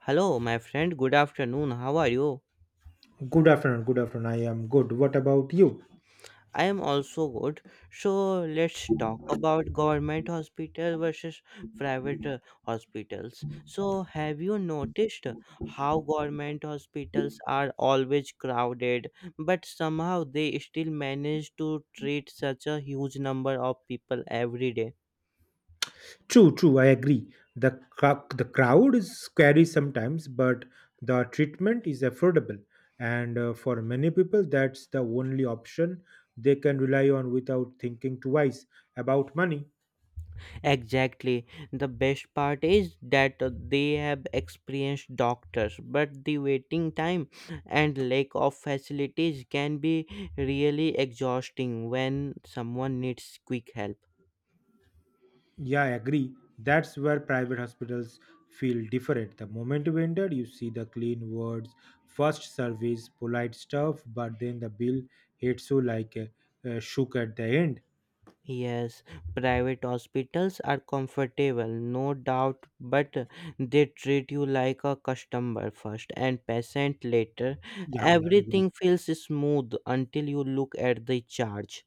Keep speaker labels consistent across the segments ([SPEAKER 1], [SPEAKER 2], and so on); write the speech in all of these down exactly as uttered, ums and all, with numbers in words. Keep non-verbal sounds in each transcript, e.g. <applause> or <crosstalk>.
[SPEAKER 1] Hello, my friend. Good afternoon. How are you?
[SPEAKER 2] Good afternoon. Good afternoon. I am good. What about you?
[SPEAKER 1] I am also good. So let's talk about government hospital versus private uh, hospitals. So have you noticed how government hospitals are always crowded, but somehow they still manage to treat such a huge number of people every day?
[SPEAKER 2] True, true. I agree. The crowd, the crowd is scary sometimes, but the treatment is affordable, and uh, for many people, that's the only option they can rely on without thinking twice about money.
[SPEAKER 1] Exactly. The best part is that they have experienced doctors, but the waiting time and lack of facilities can be really exhausting when someone needs quick help.
[SPEAKER 2] Yeah, I agree. That's where private hospitals feel different. The moment you enter, you see the clean words, first service, polite stuff, but then the bill hits you like a, a shook at the end.
[SPEAKER 1] Yes, private hospitals are comfortable, no doubt, but they treat you like a customer first and patient later.
[SPEAKER 2] Yeah, yeah, I agree.
[SPEAKER 1] Everything feels smooth until you look at the charge.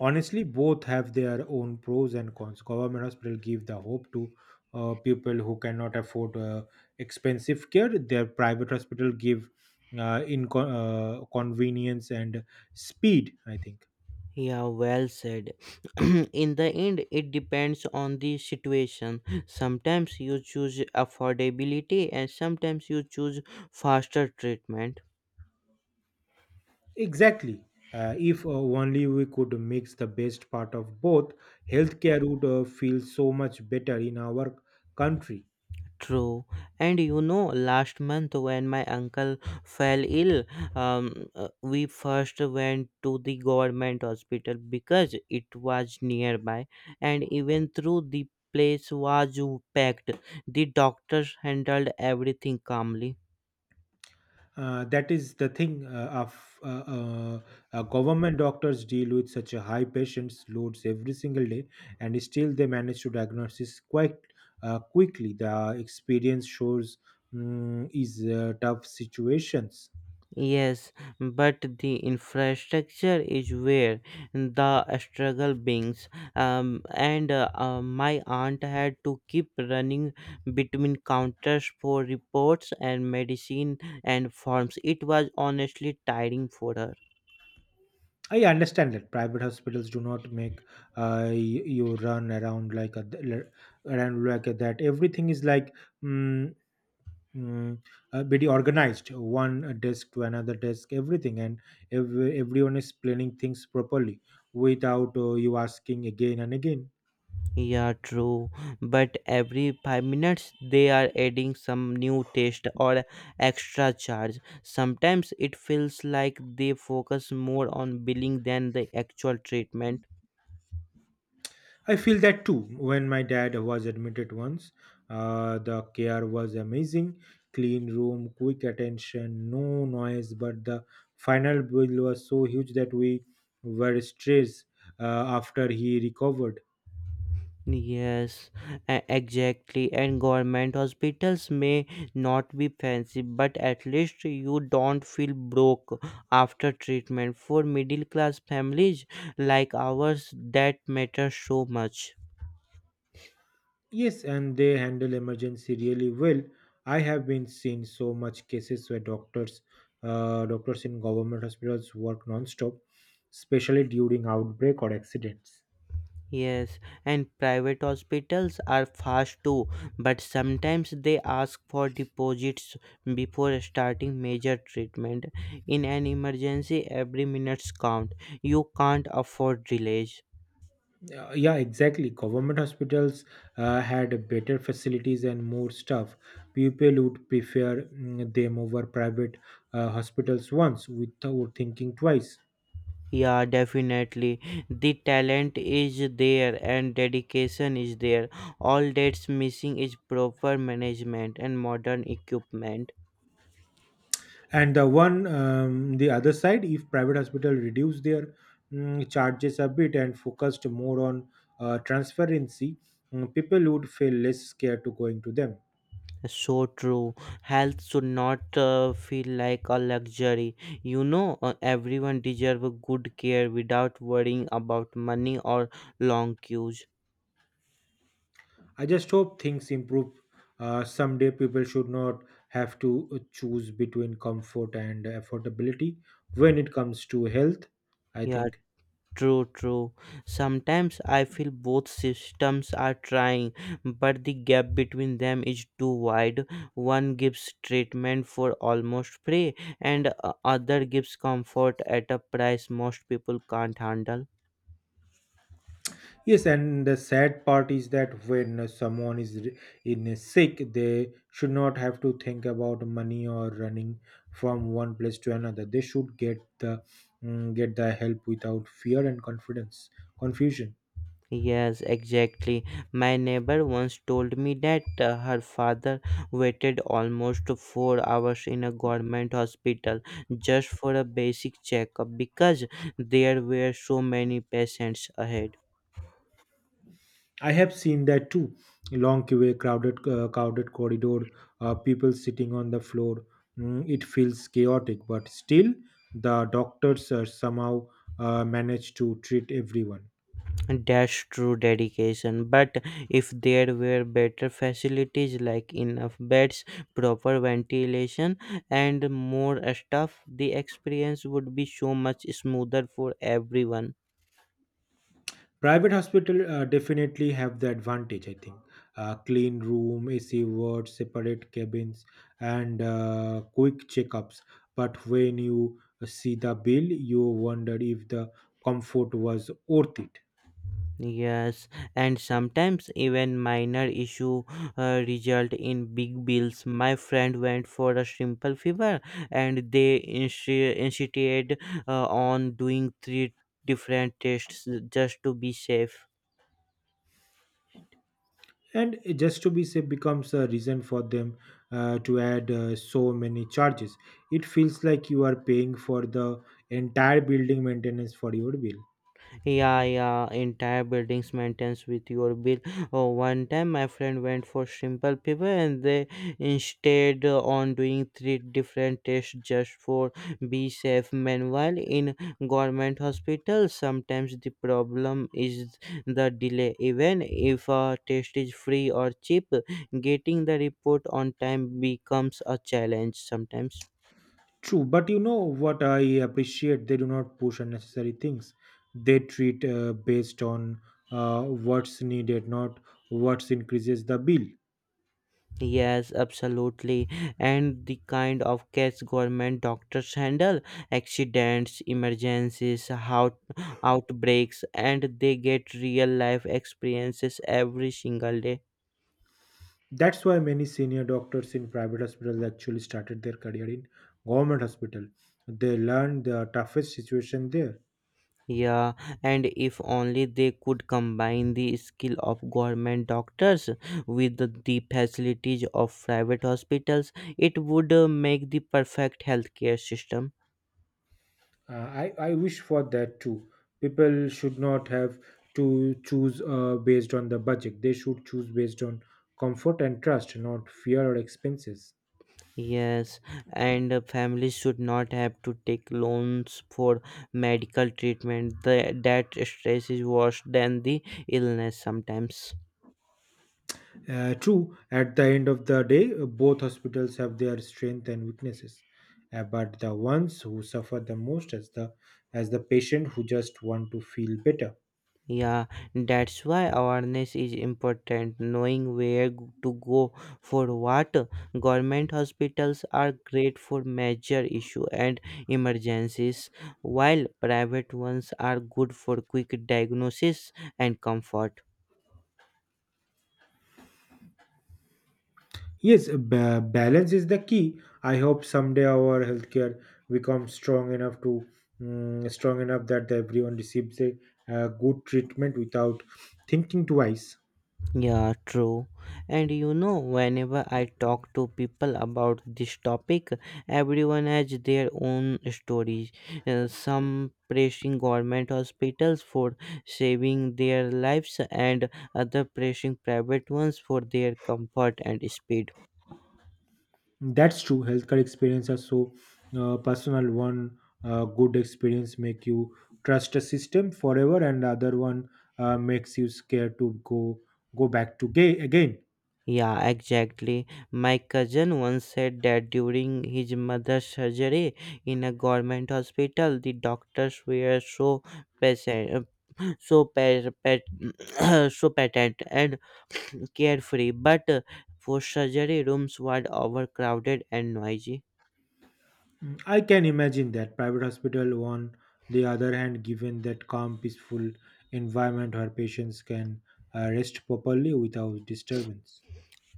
[SPEAKER 2] Honestly, both have their own pros and cons. Government hospital give the hope to uh, people who cannot afford uh, expensive care. Their private hospital give uh, in uh, convenience and speed, I think.
[SPEAKER 1] Yeah, well said. <clears throat> In the end, it depends on the situation. Sometimes you choose affordability and sometimes you choose faster treatment.
[SPEAKER 2] Exactly. uh, if uh, Only we could mix the best part of both. Healthcare would uh, feel so much better in our country.
[SPEAKER 1] True. And you know, last month when my uncle fell ill, um, uh, we first went to the government hospital because it was nearby, and even though the place was packed, the doctors handled everything calmly.
[SPEAKER 2] Uh, that is the thing uh, of uh, uh, uh, government doctors deal with such a high patients loads every single day, and still they manage to diagnose this quite uh, quickly. The experience shows mm, is uh, tough situations.
[SPEAKER 1] Yes, but the infrastructure is where the struggle begins. Um, and uh, uh, My aunt had to keep running between counters for reports and medicine and forms. It was honestly tiring for her.
[SPEAKER 2] I understand that private hospitals do not make uh, y- you run around like a around like that. Everything is like Mm mm, uh, very organized. One uh, desk to another desk, everything, and ev- everyone is planning things properly without uh, you asking again and again.
[SPEAKER 1] Yeah, true. But every five minutes they are adding some new test or extra charge. Sometimes it feels like they focus more on billing than the actual treatment.
[SPEAKER 2] I feel that too. When my dad was admitted once, uh, the care was amazing. Clean room, quick attention, no noise, but the final bill was so huge that we were stressed uh, after he recovered.
[SPEAKER 1] Yes, e- exactly. And government hospitals may not be fancy, but at least you don't feel broke after treatment. For middle class families like ours, that matters so much.
[SPEAKER 2] Yes, and they handle emergency really well. I have been seen so much cases where doctors, uh, doctors in government hospitals work non-stop, especially during outbreak or accidents.
[SPEAKER 1] Yes, and private hospitals are fast too, but sometimes they ask for deposits before starting major treatment. In an emergency, every minute counts. You can't afford delays.
[SPEAKER 2] Uh, yeah, exactly. Government hospitals uh, had better facilities and more staff. People would prefer mm, them over private uh, hospitals once without thinking twice.
[SPEAKER 1] Yeah, definitely. The talent is there and dedication is there. All that's missing is proper management and modern equipment.
[SPEAKER 2] And the one um, the other side, if private hospital reduce their mm, charges a bit and focused more on uh, transparency, mm, people would feel less scared to going to them.
[SPEAKER 1] So true. Health should not uh, feel like a luxury. You know, uh, everyone deserves good care without worrying about money or long queues.
[SPEAKER 2] I just hope things improve uh, someday. People should not have to uh, choose between comfort and affordability when it comes to health, I
[SPEAKER 1] Yeah.
[SPEAKER 2] think.
[SPEAKER 1] True, true. Sometimes I feel both systems are trying, but the gap between them is too wide. One gives treatment for almost free, and uh, other gives comfort at a price most people can't handle.
[SPEAKER 2] Yes, and the sad part is that when someone is re- in a sick, they should not have to think about money or running from one place to another. They should get the mm, get the help without fear and confidence Confusion.
[SPEAKER 1] Yes, exactly. My neighbor once told me that uh, her father waited almost four hours in a government hospital just for a basic checkup because there were so many patients ahead.
[SPEAKER 2] I have seen that too. Long queue, crowded uh, crowded corridor, uh, people sitting on the floor. Mm, it feels chaotic, but still, the doctors uh, somehow uh, manage to treat everyone.
[SPEAKER 1] That's true dedication, but if there were better facilities like enough beds, proper ventilation, and more staff, the experience would be so much smoother for everyone.
[SPEAKER 2] Private hospital uh, definitely have the advantage, I think. Uh, clean room, ac wards, separate cabins, and uh, quick checkups. But when you uh, see the bill, you wonder if the comfort was worth it.
[SPEAKER 1] Yes, and sometimes even minor issue uh, result in big bills. My friend went for a simple fever, and they insti- insisted uh, on doing three different tests just to be safe.
[SPEAKER 2] And just to be safe becomes a reason for them uh, to add uh, so many charges. It feels like you are paying for the entire building maintenance for your bill.
[SPEAKER 1] Yeah, yeah, entire buildings maintains with your bill. Oh, one time my friend went for simple people and they instead on doing three different tests just for be safe. Meanwhile, in government hospitals, sometimes the problem is the delay. Even if a test is free or cheap, getting the report on time becomes a challenge sometimes.
[SPEAKER 2] True, but you know what I appreciate? They do not push unnecessary things. They treat uh, based on uh, what's needed, not what's increases the bill.
[SPEAKER 1] Yes, absolutely. And the kind of case government doctors handle accidents, emergencies, how outbreaks, and they get real life experiences every single day.
[SPEAKER 2] That's why many senior doctors in private hospitals actually started their career in government hospital. They learned the toughest situation there.
[SPEAKER 1] Yeah, and if only they could combine the skill of government doctors with the the facilities of private hospitals, it would uh, make the perfect healthcare system.
[SPEAKER 2] Uh, I, I wish for that too. People should not have to choose uh, based on the budget. They should choose based on comfort and trust, not fear or expenses.
[SPEAKER 1] Yes, and uh, families should not have to take loans for medical treatment. The, that stress is worse than the illness sometimes.
[SPEAKER 2] Uh, true, at the end of the day, uh, both hospitals have their strengths and weaknesses. Uh, but the ones who suffer the most as the as the patient who just want to feel better.
[SPEAKER 1] Yeah, that's why awareness is important. Knowing where g- to go for what. Government hospitals are great for major issue and emergencies, while private ones are good for quick diagnosis and comfort.
[SPEAKER 2] Yes, ba- balance is the key. I hope someday our healthcare becomes strong enough to mm, strong enough that everyone receives a, uh good treatment without thinking twice.
[SPEAKER 1] Yeah, true. And you know, whenever I talk to people about this topic, everyone has their own stories. Uh, some praising government hospitals for saving their lives, and other praising private ones for their comfort and speed.
[SPEAKER 2] That's true. Healthcare experience are so uh, personal. One uh, good experience make you trust a system forever, and the other one uh, makes you scared to go go back to gay again.
[SPEAKER 1] Yeah, exactly. My cousin once said that during his mother's surgery in a government hospital, the doctors were so patient, so pet, pet <clears throat> so patent and carefree, but uh, for surgery rooms were overcrowded and noisy.
[SPEAKER 2] Mm, I can imagine that. Private hospital on the other hand given that calm peaceful environment where patients can uh, rest properly without disturbance.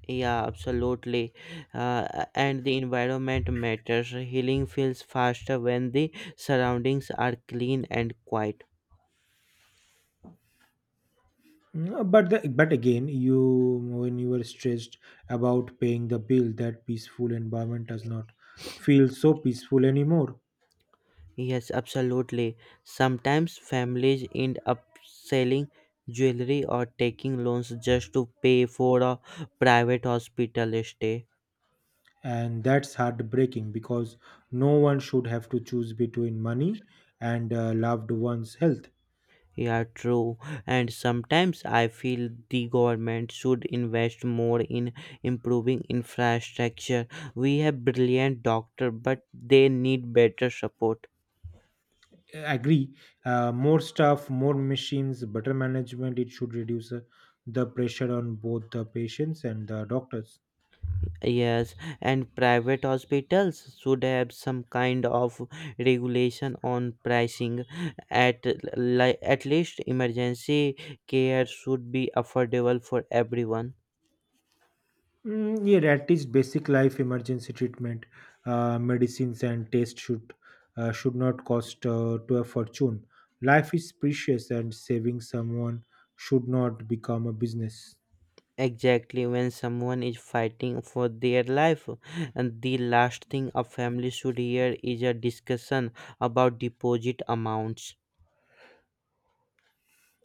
[SPEAKER 1] Yeah, absolutely. Uh, and the environment matters. Healing feels faster when the surroundings are clean and quiet.
[SPEAKER 2] No, but the, but again you when you were stressed about paying the bill, that peaceful environment does not feel so peaceful anymore.
[SPEAKER 1] Yes, absolutely. Sometimes families end up selling jewelry or taking loans just to pay for a private hospital stay.
[SPEAKER 2] And that's heartbreaking because no one should have to choose between money and uh, loved one's health.
[SPEAKER 1] Yeah, true. And sometimes I feel the government should invest more in improving infrastructure. We have brilliant doctors, but they need better support.
[SPEAKER 2] Agree. Uh, more staff, more machines, better management, it should reduce uh, the pressure on both the patients and the doctors.
[SPEAKER 1] Yes, and private hospitals should have some kind of regulation on pricing. At li- at least emergency care should be affordable for everyone.
[SPEAKER 2] Mm, yeah, at least basic life emergency treatment, uh, medicines and tests should uh, should not cost uh, to a fortune. Life is precious, and saving someone should not become a business.
[SPEAKER 1] Exactly, when someone is fighting for their life, and the last thing a family should hear is a discussion about deposit amounts.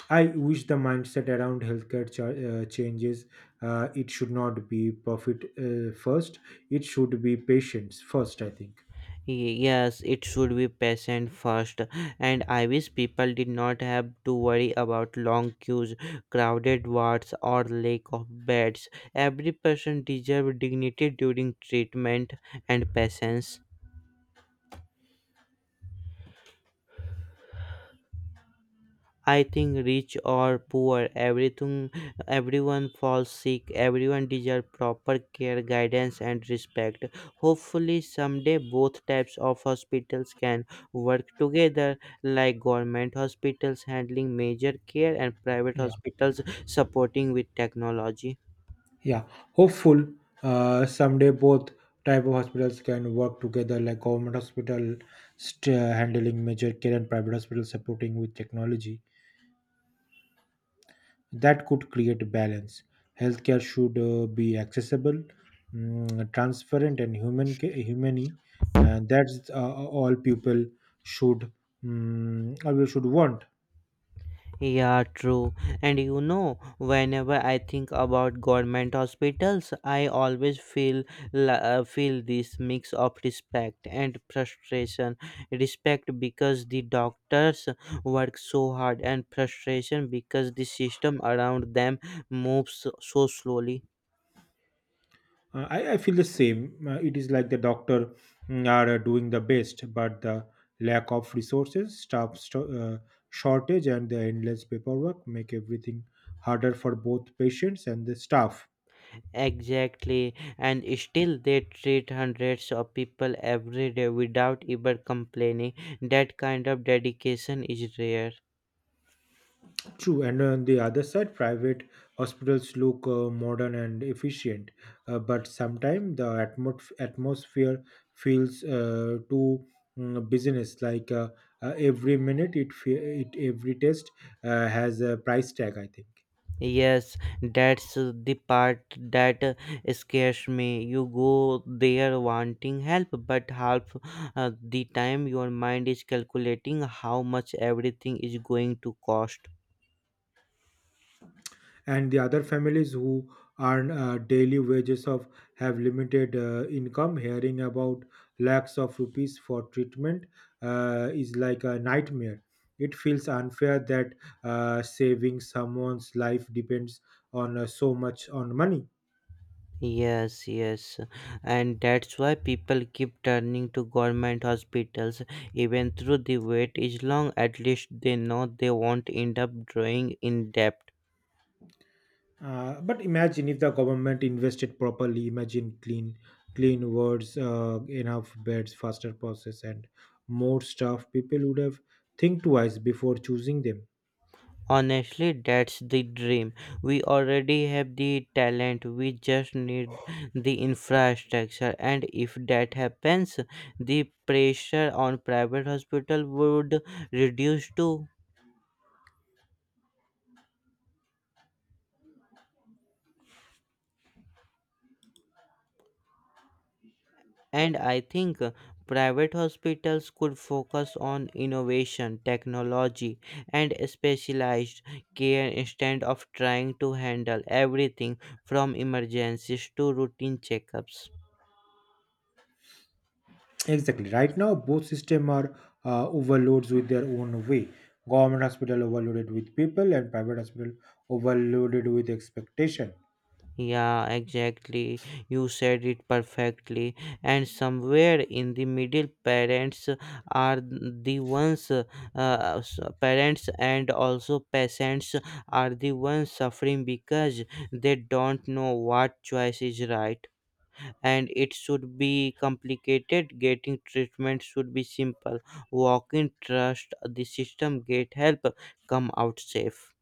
[SPEAKER 2] I wish the mindset around healthcare cha- uh, changes. Uh, it should not be profit uh, first. It should be patients first, I think.
[SPEAKER 1] Y- Yes, it should be patient first, and I wish people did not have to worry about long queues, crowded wards, or lack of beds. Every person deserves dignity during treatment and patience. I think rich or poor, everything, everyone falls sick. Everyone deserves proper care, guidance, and respect. Hopefully, someday both types of hospitals can work together, like government hospitals handling major care and private
[SPEAKER 2] Yeah.
[SPEAKER 1] hospitals supporting with technology.
[SPEAKER 2] Yeah, hopeful uh, someday both type of hospitals can work together, like government hospital st- uh, handling major care and private hospital supporting with technology. That could create balance. Healthcare should uh, be accessible, mm, transparent, and human ca- humane, and that's uh, all people should mm, uh, we should want.
[SPEAKER 1] Yeah, true. And you know, whenever I think about government hospitals, I always feel la- uh, feel this mix of respect and frustration. Respect because the doctors work so hard, and frustration because the system around them moves so so slowly.
[SPEAKER 2] Uh, I, I feel the same. Uh, it is like the doctor mm, are uh, doing the best, but the lack of resources, staff sto- uh, shortage, and the endless paperwork make everything harder for both patients and the staff.
[SPEAKER 1] Exactly, and still they treat hundreds of people every day without even complaining. That kind of dedication is rare.
[SPEAKER 2] True, and on the other side, private hospitals look uh, modern and efficient, uh, but sometimes the atmos- atmosphere feels uh, too mm, business. Like uh, uh, every minute, it fe- it every test uh, has a price tag, I think.
[SPEAKER 1] Yes, that's the part that scares me. You go there wanting help, but half uh, the time your mind is calculating how much everything is going to cost.
[SPEAKER 2] And the other families who earn uh, daily wages of have limited uh, income hearing about lakhs of rupees for treatment uh, is like a nightmare. It feels unfair that uh, saving someone's life depends on uh, so much on money.
[SPEAKER 1] Yes, yes, and that's why people keep turning to government hospitals even though the wait is long. At least they know they won't end up drawing in debt.
[SPEAKER 2] Uh, but imagine if the government invested properly. Imagine clean clean words, uh, enough beds, faster process, and more staff. People would have think twice before choosing them.
[SPEAKER 1] Honestly, that's the dream. We already have the talent, we just need the infrastructure. And if that happens, the pressure on private hospital would reduce too. And I think uh, private hospitals could focus on innovation, technology, and specialized care instead of trying to handle everything from emergencies to routine checkups.
[SPEAKER 2] Exactly. Right now, both systems are uh, overloads with their own way. Government hospital overloaded with people, and private hospital overloaded with expectation.
[SPEAKER 1] Yeah, exactly. You said it perfectly. And somewhere in the middle, parents are the ones, uh, s- parents and also peasants are the ones suffering because they don't know what choice is right. And it should be complicated. Getting treatment should be simple. Walk in, trust the system, get help, come out safe.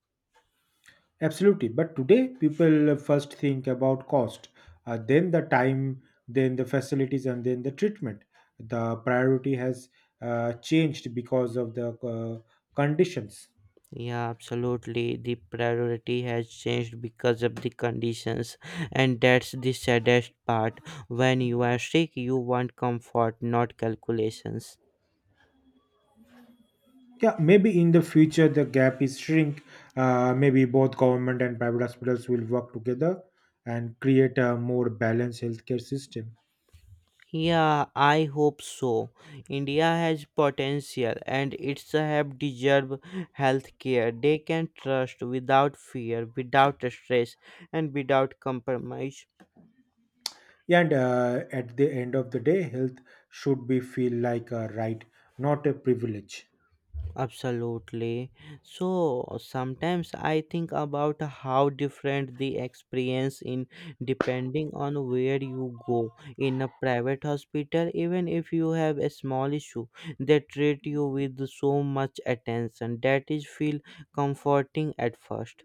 [SPEAKER 2] Absolutely. But today, people first think about cost, uh, then the time, then the facilities, and then the treatment. The priority has uh, changed because of the uh, conditions.
[SPEAKER 1] Yeah, absolutely. The priority has changed because of the conditions, and that's the saddest part. When you are sick, you want comfort, not calculations.
[SPEAKER 2] Yeah, maybe in the future the gap is shrink. Uh, maybe both government and private hospitals will work together and create a more balanced healthcare system.
[SPEAKER 1] Yeah, I hope so. India has potential and it's have deserve health care they can trust without fear, without stress, and without compromise.
[SPEAKER 2] Yeah, and uh, at the end of the day, health should be feel like a right, not a privilege.
[SPEAKER 1] Absolutely. So sometimes I think about how different the experience in depending on where you go. In a private hospital, even if you have a small issue, they treat you with so much attention that is feel comforting at first.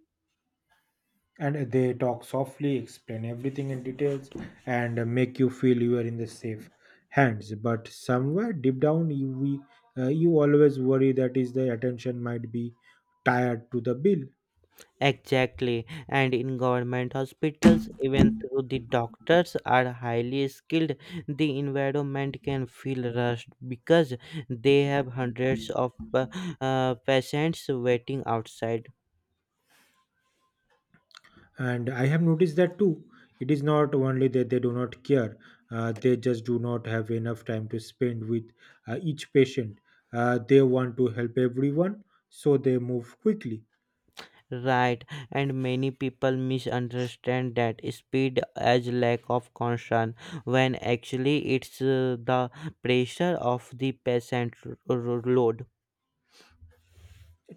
[SPEAKER 2] And they talk softly, explain everything in details, and uh, make you feel you are in the safe hands. But somewhere deep down, you we uh, you always worry that is the attention might be tied to the bill.
[SPEAKER 1] Exactly, and in government hospitals, even though the doctors are highly skilled, the environment can feel rushed because they have hundreds of pa- uh, patients waiting outside.
[SPEAKER 2] And I have noticed that too. It is not only that they do not care, uh, they just do not have enough time to spend with uh, each patient. Uh, they want to help everyone, so they move quickly.
[SPEAKER 1] Right, and many people misunderstand that speed as lack of concern when actually it's uh, the pressure of the patient r- r- load.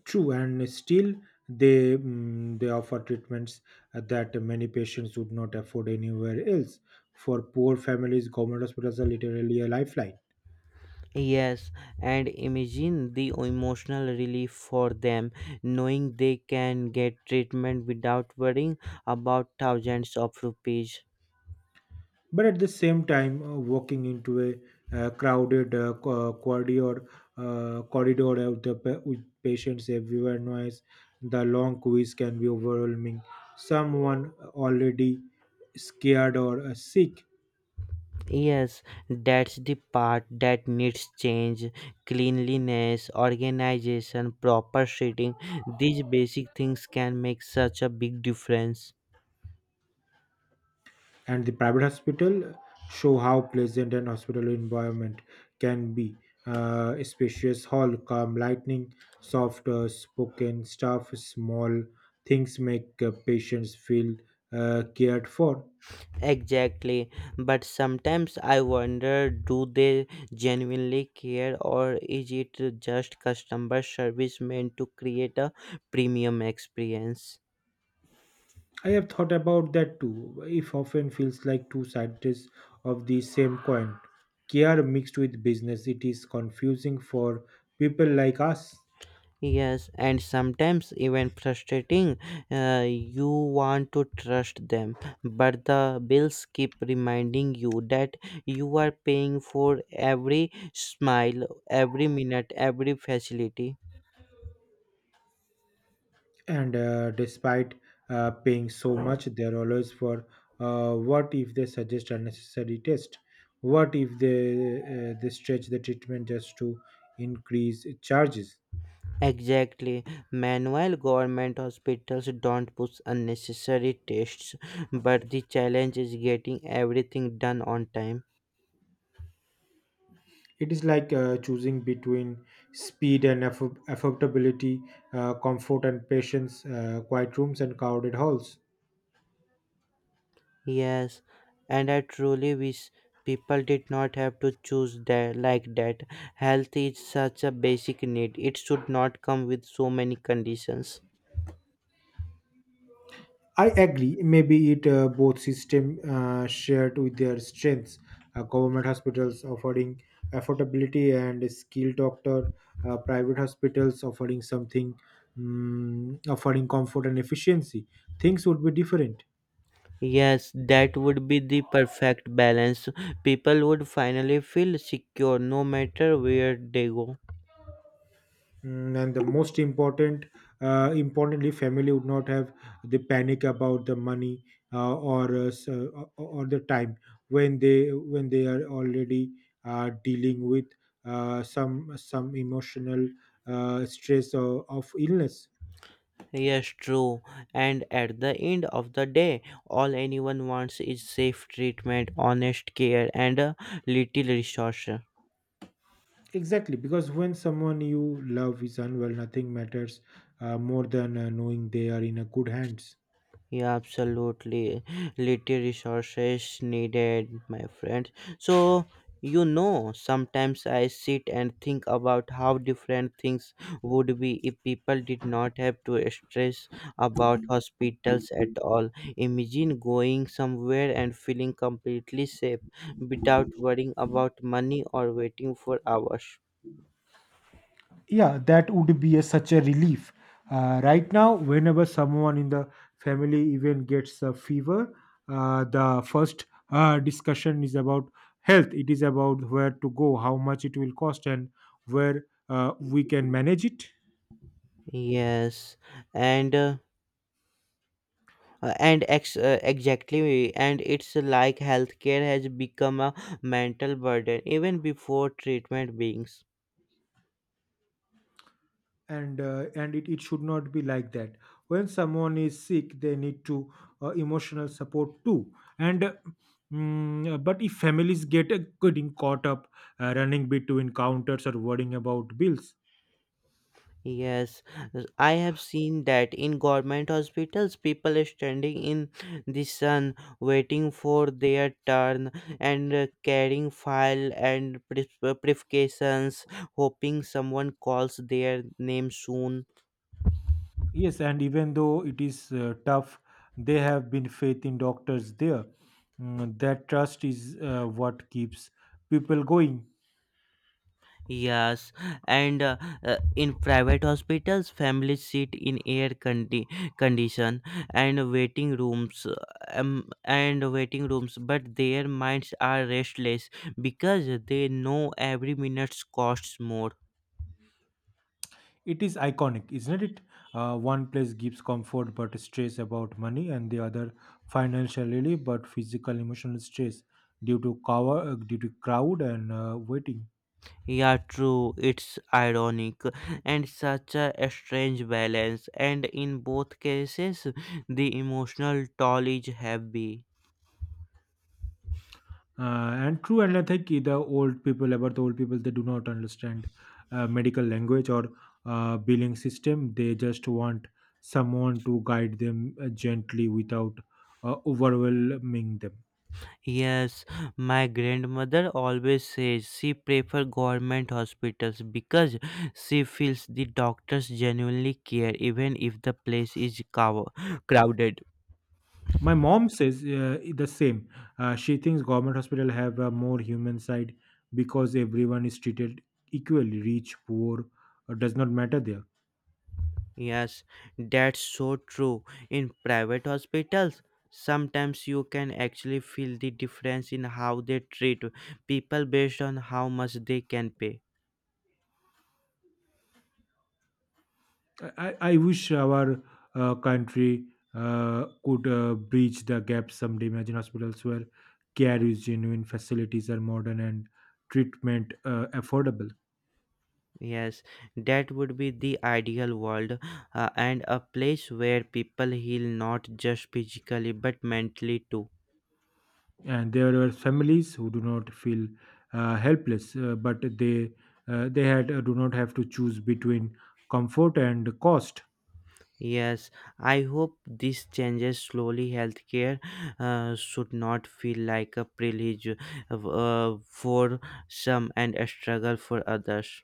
[SPEAKER 2] True, and still they mm, they offer treatments uh, that many patients would not afford anywhere else. For poor families, government hospitals are literally a lifeline.
[SPEAKER 1] Yes, and imagine the emotional relief for them knowing they can get treatment without worrying about thousands of rupees.
[SPEAKER 2] But at the same time, uh, walking into a uh, crowded uh, co- uh, corridor uh, corridor of the pa- with patients everywhere, noise, the long quiz can be overwhelming, someone already scared or uh, sick.
[SPEAKER 1] Yes, that's the part that needs change. Cleanliness, organization, proper seating, these basic things can make such a big difference.
[SPEAKER 2] And the private hospital show how pleasant an hospital environment can be. Uh, a spacious hall, calm lightning, soft uh, spoken staff, small things make uh, patients feel uh, cared for.
[SPEAKER 1] Exactly. But sometimes I wonder, do they genuinely care or is it just customer service meant to create a premium experience?
[SPEAKER 2] I have thought about that too. If often feels like two sides of the same coin. Care mixed with business, it is confusing for people like us.
[SPEAKER 1] Yes, and sometimes even frustrating. Uh, you want to trust them, but the bills keep reminding you that you are paying for every smile, every minute, every facility.
[SPEAKER 2] And uh, despite uh, paying so much, they're always for uh, what if they suggest unnecessary test? What if they uh, they stretch the treatment just to increase charges?
[SPEAKER 1] Exactly. Manual government hospitals don't push unnecessary tests, but the challenge is getting everything done on time.
[SPEAKER 2] It is like uh, choosing between speed and affo- affordability, uh, comfort and patience, uh, quiet rooms and crowded halls.
[SPEAKER 1] Yes, and I truly wish people did not have to choose that like that. Health is such a basic need. It should not come with so many conditions.
[SPEAKER 2] I agree. Maybe it uh, both system uh, shared with their strengths. Uh, government hospitals offering affordability and a skilled doctor. Uh, private hospitals offering something, mm offering comfort and efficiency. Things would be different.
[SPEAKER 1] Yes, that would be the perfect balance. People would finally feel secure no matter where they go.
[SPEAKER 2] Mm, and the most important uh, importantly family would not have the panic about the money uh, or uh, s- uh, or or the time when they when they are already uh, dealing with uh, some some emotional uh, stress of, of illness.
[SPEAKER 1] Yes, true. And at the end of the day, all anyone wants is safe treatment, honest care, and a little resource.
[SPEAKER 2] Exactly, because when someone you love is unwell, nothing matters uh, more than uh, knowing they are in a good hands.
[SPEAKER 1] Yeah, absolutely. Little resources needed, my friend. So, you know, sometimes I sit and think about how different things would be if people did not have to stress about hospitals at all. Imagine going somewhere and feeling completely safe without worrying about money or waiting for hours.
[SPEAKER 2] Yeah, that would be a, such a relief. Uh, right now, whenever someone in the family even gets a fever, uh, the first uh, discussion is about health. It is about where to go, how much it will cost, and where uh, we can manage it.
[SPEAKER 1] Yes, and uh, Uh, and ex- uh, exactly, and it's like healthcare has become a mental burden even before treatment begins.
[SPEAKER 2] And uh, and it, it should not be like that. When someone is sick, they need to uh, emotional support too. and uh, mm, uh, but if families get uh, getting caught up uh, running between counters or worrying about bills.
[SPEAKER 1] Yes, uh, I have seen that in government hospitals people are standing in the sun waiting for their turn, and uh, carrying file and pre- uh, prescriptions, hoping someone calls their name soon.
[SPEAKER 2] Yes, and even though it is uh, tough, they have been faith in doctors there. Mm, that trust is uh, what keeps people going.
[SPEAKER 1] Yes, and uh, uh, in private hospitals, families sit in air condi- condition and waiting rooms, uh, um, and waiting rooms, but their minds are restless because they know every minute costs more.
[SPEAKER 2] It is iconic, isn't it? Uh, one place gives comfort but stress about money, and the other financial relief but physical emotional stress due to cover, uh, due to crowd and uh, waiting.
[SPEAKER 1] Yeah, true. It's ironic and such a strange balance. And in both cases, the emotional toll is heavy.
[SPEAKER 2] Uh, and True, and I think the old people, about the old people, they do not understand uh, medical language or uh, billing system. They just want someone to guide them uh, gently without uh, overwhelming them.
[SPEAKER 1] Yes, my grandmother always says she prefer government hospitals because she feels the doctors genuinely care even if the place is cow- crowded.
[SPEAKER 2] My mom says uh, the same. Uh, she thinks government hospital have a more human side because everyone is treated equally, rich, poor, uh, does not matter there.
[SPEAKER 1] Yes, that's so true. In private hospitals, sometimes you can actually feel the difference in how they treat people based on how much they can pay.
[SPEAKER 2] I, I wish our uh, country uh, could uh, bridge the gap someday. Imagine hospitals where care is genuine, facilities are modern, and treatment uh, affordable.
[SPEAKER 1] Yes, that would be the ideal world, uh, and a place where people heal not just physically but mentally too.
[SPEAKER 2] And there were families who do not feel uh, helpless, uh, but they uh, they had uh, do not have to choose between comfort and cost.
[SPEAKER 1] Yes, I hope this changes slowly. Healthcare uh, should not feel like a privilege uh, uh, for some and a struggle for others.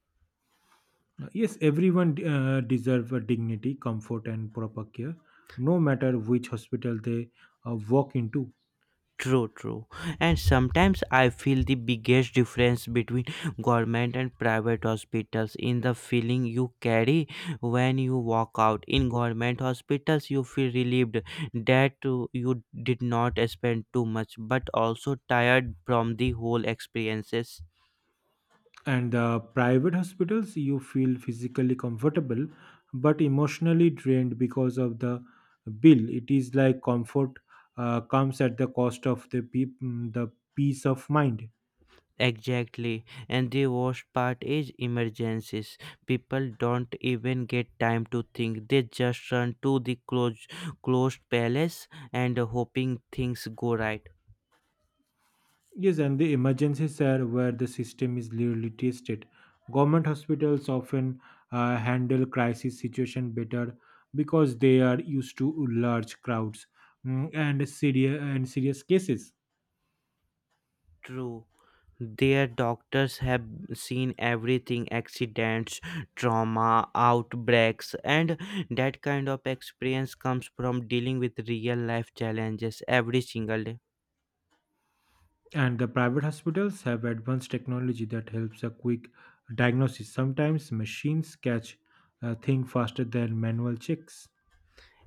[SPEAKER 2] Yes, everyone uh, deserve a dignity, comfort, and proper care, no matter which hospital they uh, walk into.
[SPEAKER 1] True, true. And sometimes I feel the biggest difference between government and private hospitals in the feeling you carry when you walk out. In government hospitals, you feel relieved that uh, you did not spend too much, but also tired from the whole experiences.
[SPEAKER 2] And uh, private hospitals you feel physically comfortable but emotionally drained because of the bill. It is like comfort uh, comes at the cost of the pe mm, the peace of mind.
[SPEAKER 1] Exactly. And the worst part is emergencies. People don't even get time to think. They just run to the close, closed palace and hoping things go right.
[SPEAKER 2] Yes, and the emergencies are where the system is really tested. Government hospitals often uh, handle crisis situation better because they are used to large crowds, mm, and serious and serious cases.
[SPEAKER 1] True. Their doctors have seen everything accidents, trauma, outbreaks, and that kind of experience comes from dealing with real life challenges every single day.
[SPEAKER 2] And the private hospitals have advanced technology that helps a quick diagnosis. Sometimes machines catch a thing faster than manual checks.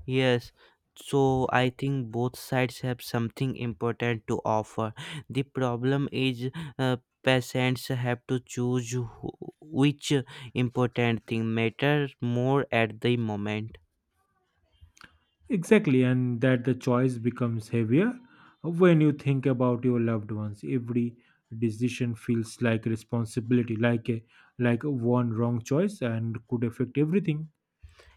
[SPEAKER 1] Yes, so I think both sides have something important to offer. The problem is uh, patients have to choose who- which important thing matters more at the moment.
[SPEAKER 2] Exactly, and that the choice becomes heavier when you think about your loved ones. Every decision feels like responsibility, like a like one wrong choice and could affect everything.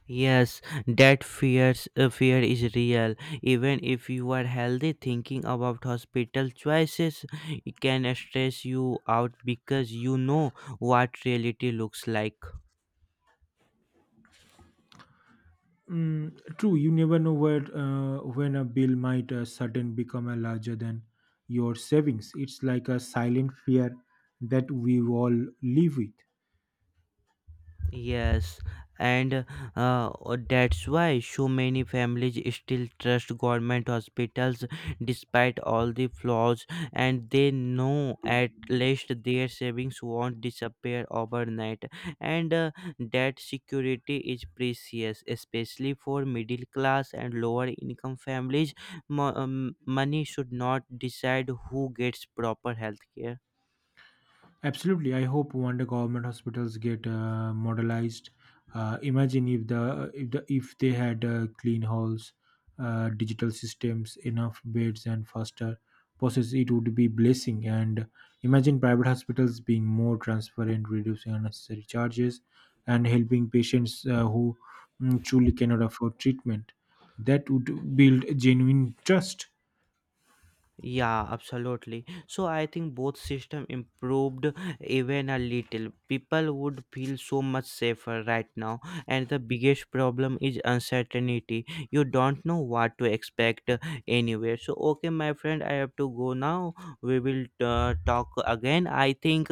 [SPEAKER 1] Yes, that fears uh, fear is real. Even if you are healthy, thinking about hospital choices can stress you out because you know what reality looks like.
[SPEAKER 2] Mm, true, you never know where uh, when a bill might uh, sudden become a larger than your savings. It's like a silent fear that we all live with.
[SPEAKER 1] Yes, and uh, uh, that's why so many families still trust government hospitals despite all the flaws, and they know at least their savings won't disappear overnight. And uh, that security is precious, especially for middle class and lower income families. Mo- um, money should not decide who gets proper health care.
[SPEAKER 2] Absolutely. I hope one day government hospitals get uh, modelized. Uh, imagine if the if the if they had uh, clean halls, uh, digital systems, enough beds, and faster process, it would be blessing. And imagine private hospitals being more transparent, reducing unnecessary charges, and helping patients uh, who mm, truly cannot afford treatment. That would build genuine trust.
[SPEAKER 1] Yeah, absolutely. So I think both system improved even a little. People would feel so much safer right now, and the biggest problem is uncertainty. You don't know what to expect uh, anywhere. So okay, my friend, I have to go now. We will uh, talk again. I think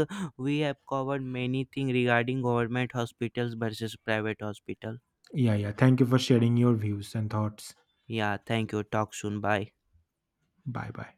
[SPEAKER 1] we have covered many things regarding government hospitals versus private hospital.
[SPEAKER 2] Yeah, yeah. Thank you for sharing your views and thoughts.
[SPEAKER 1] Yeah, thank you. Talk soon. Bye.
[SPEAKER 2] Bye, bye.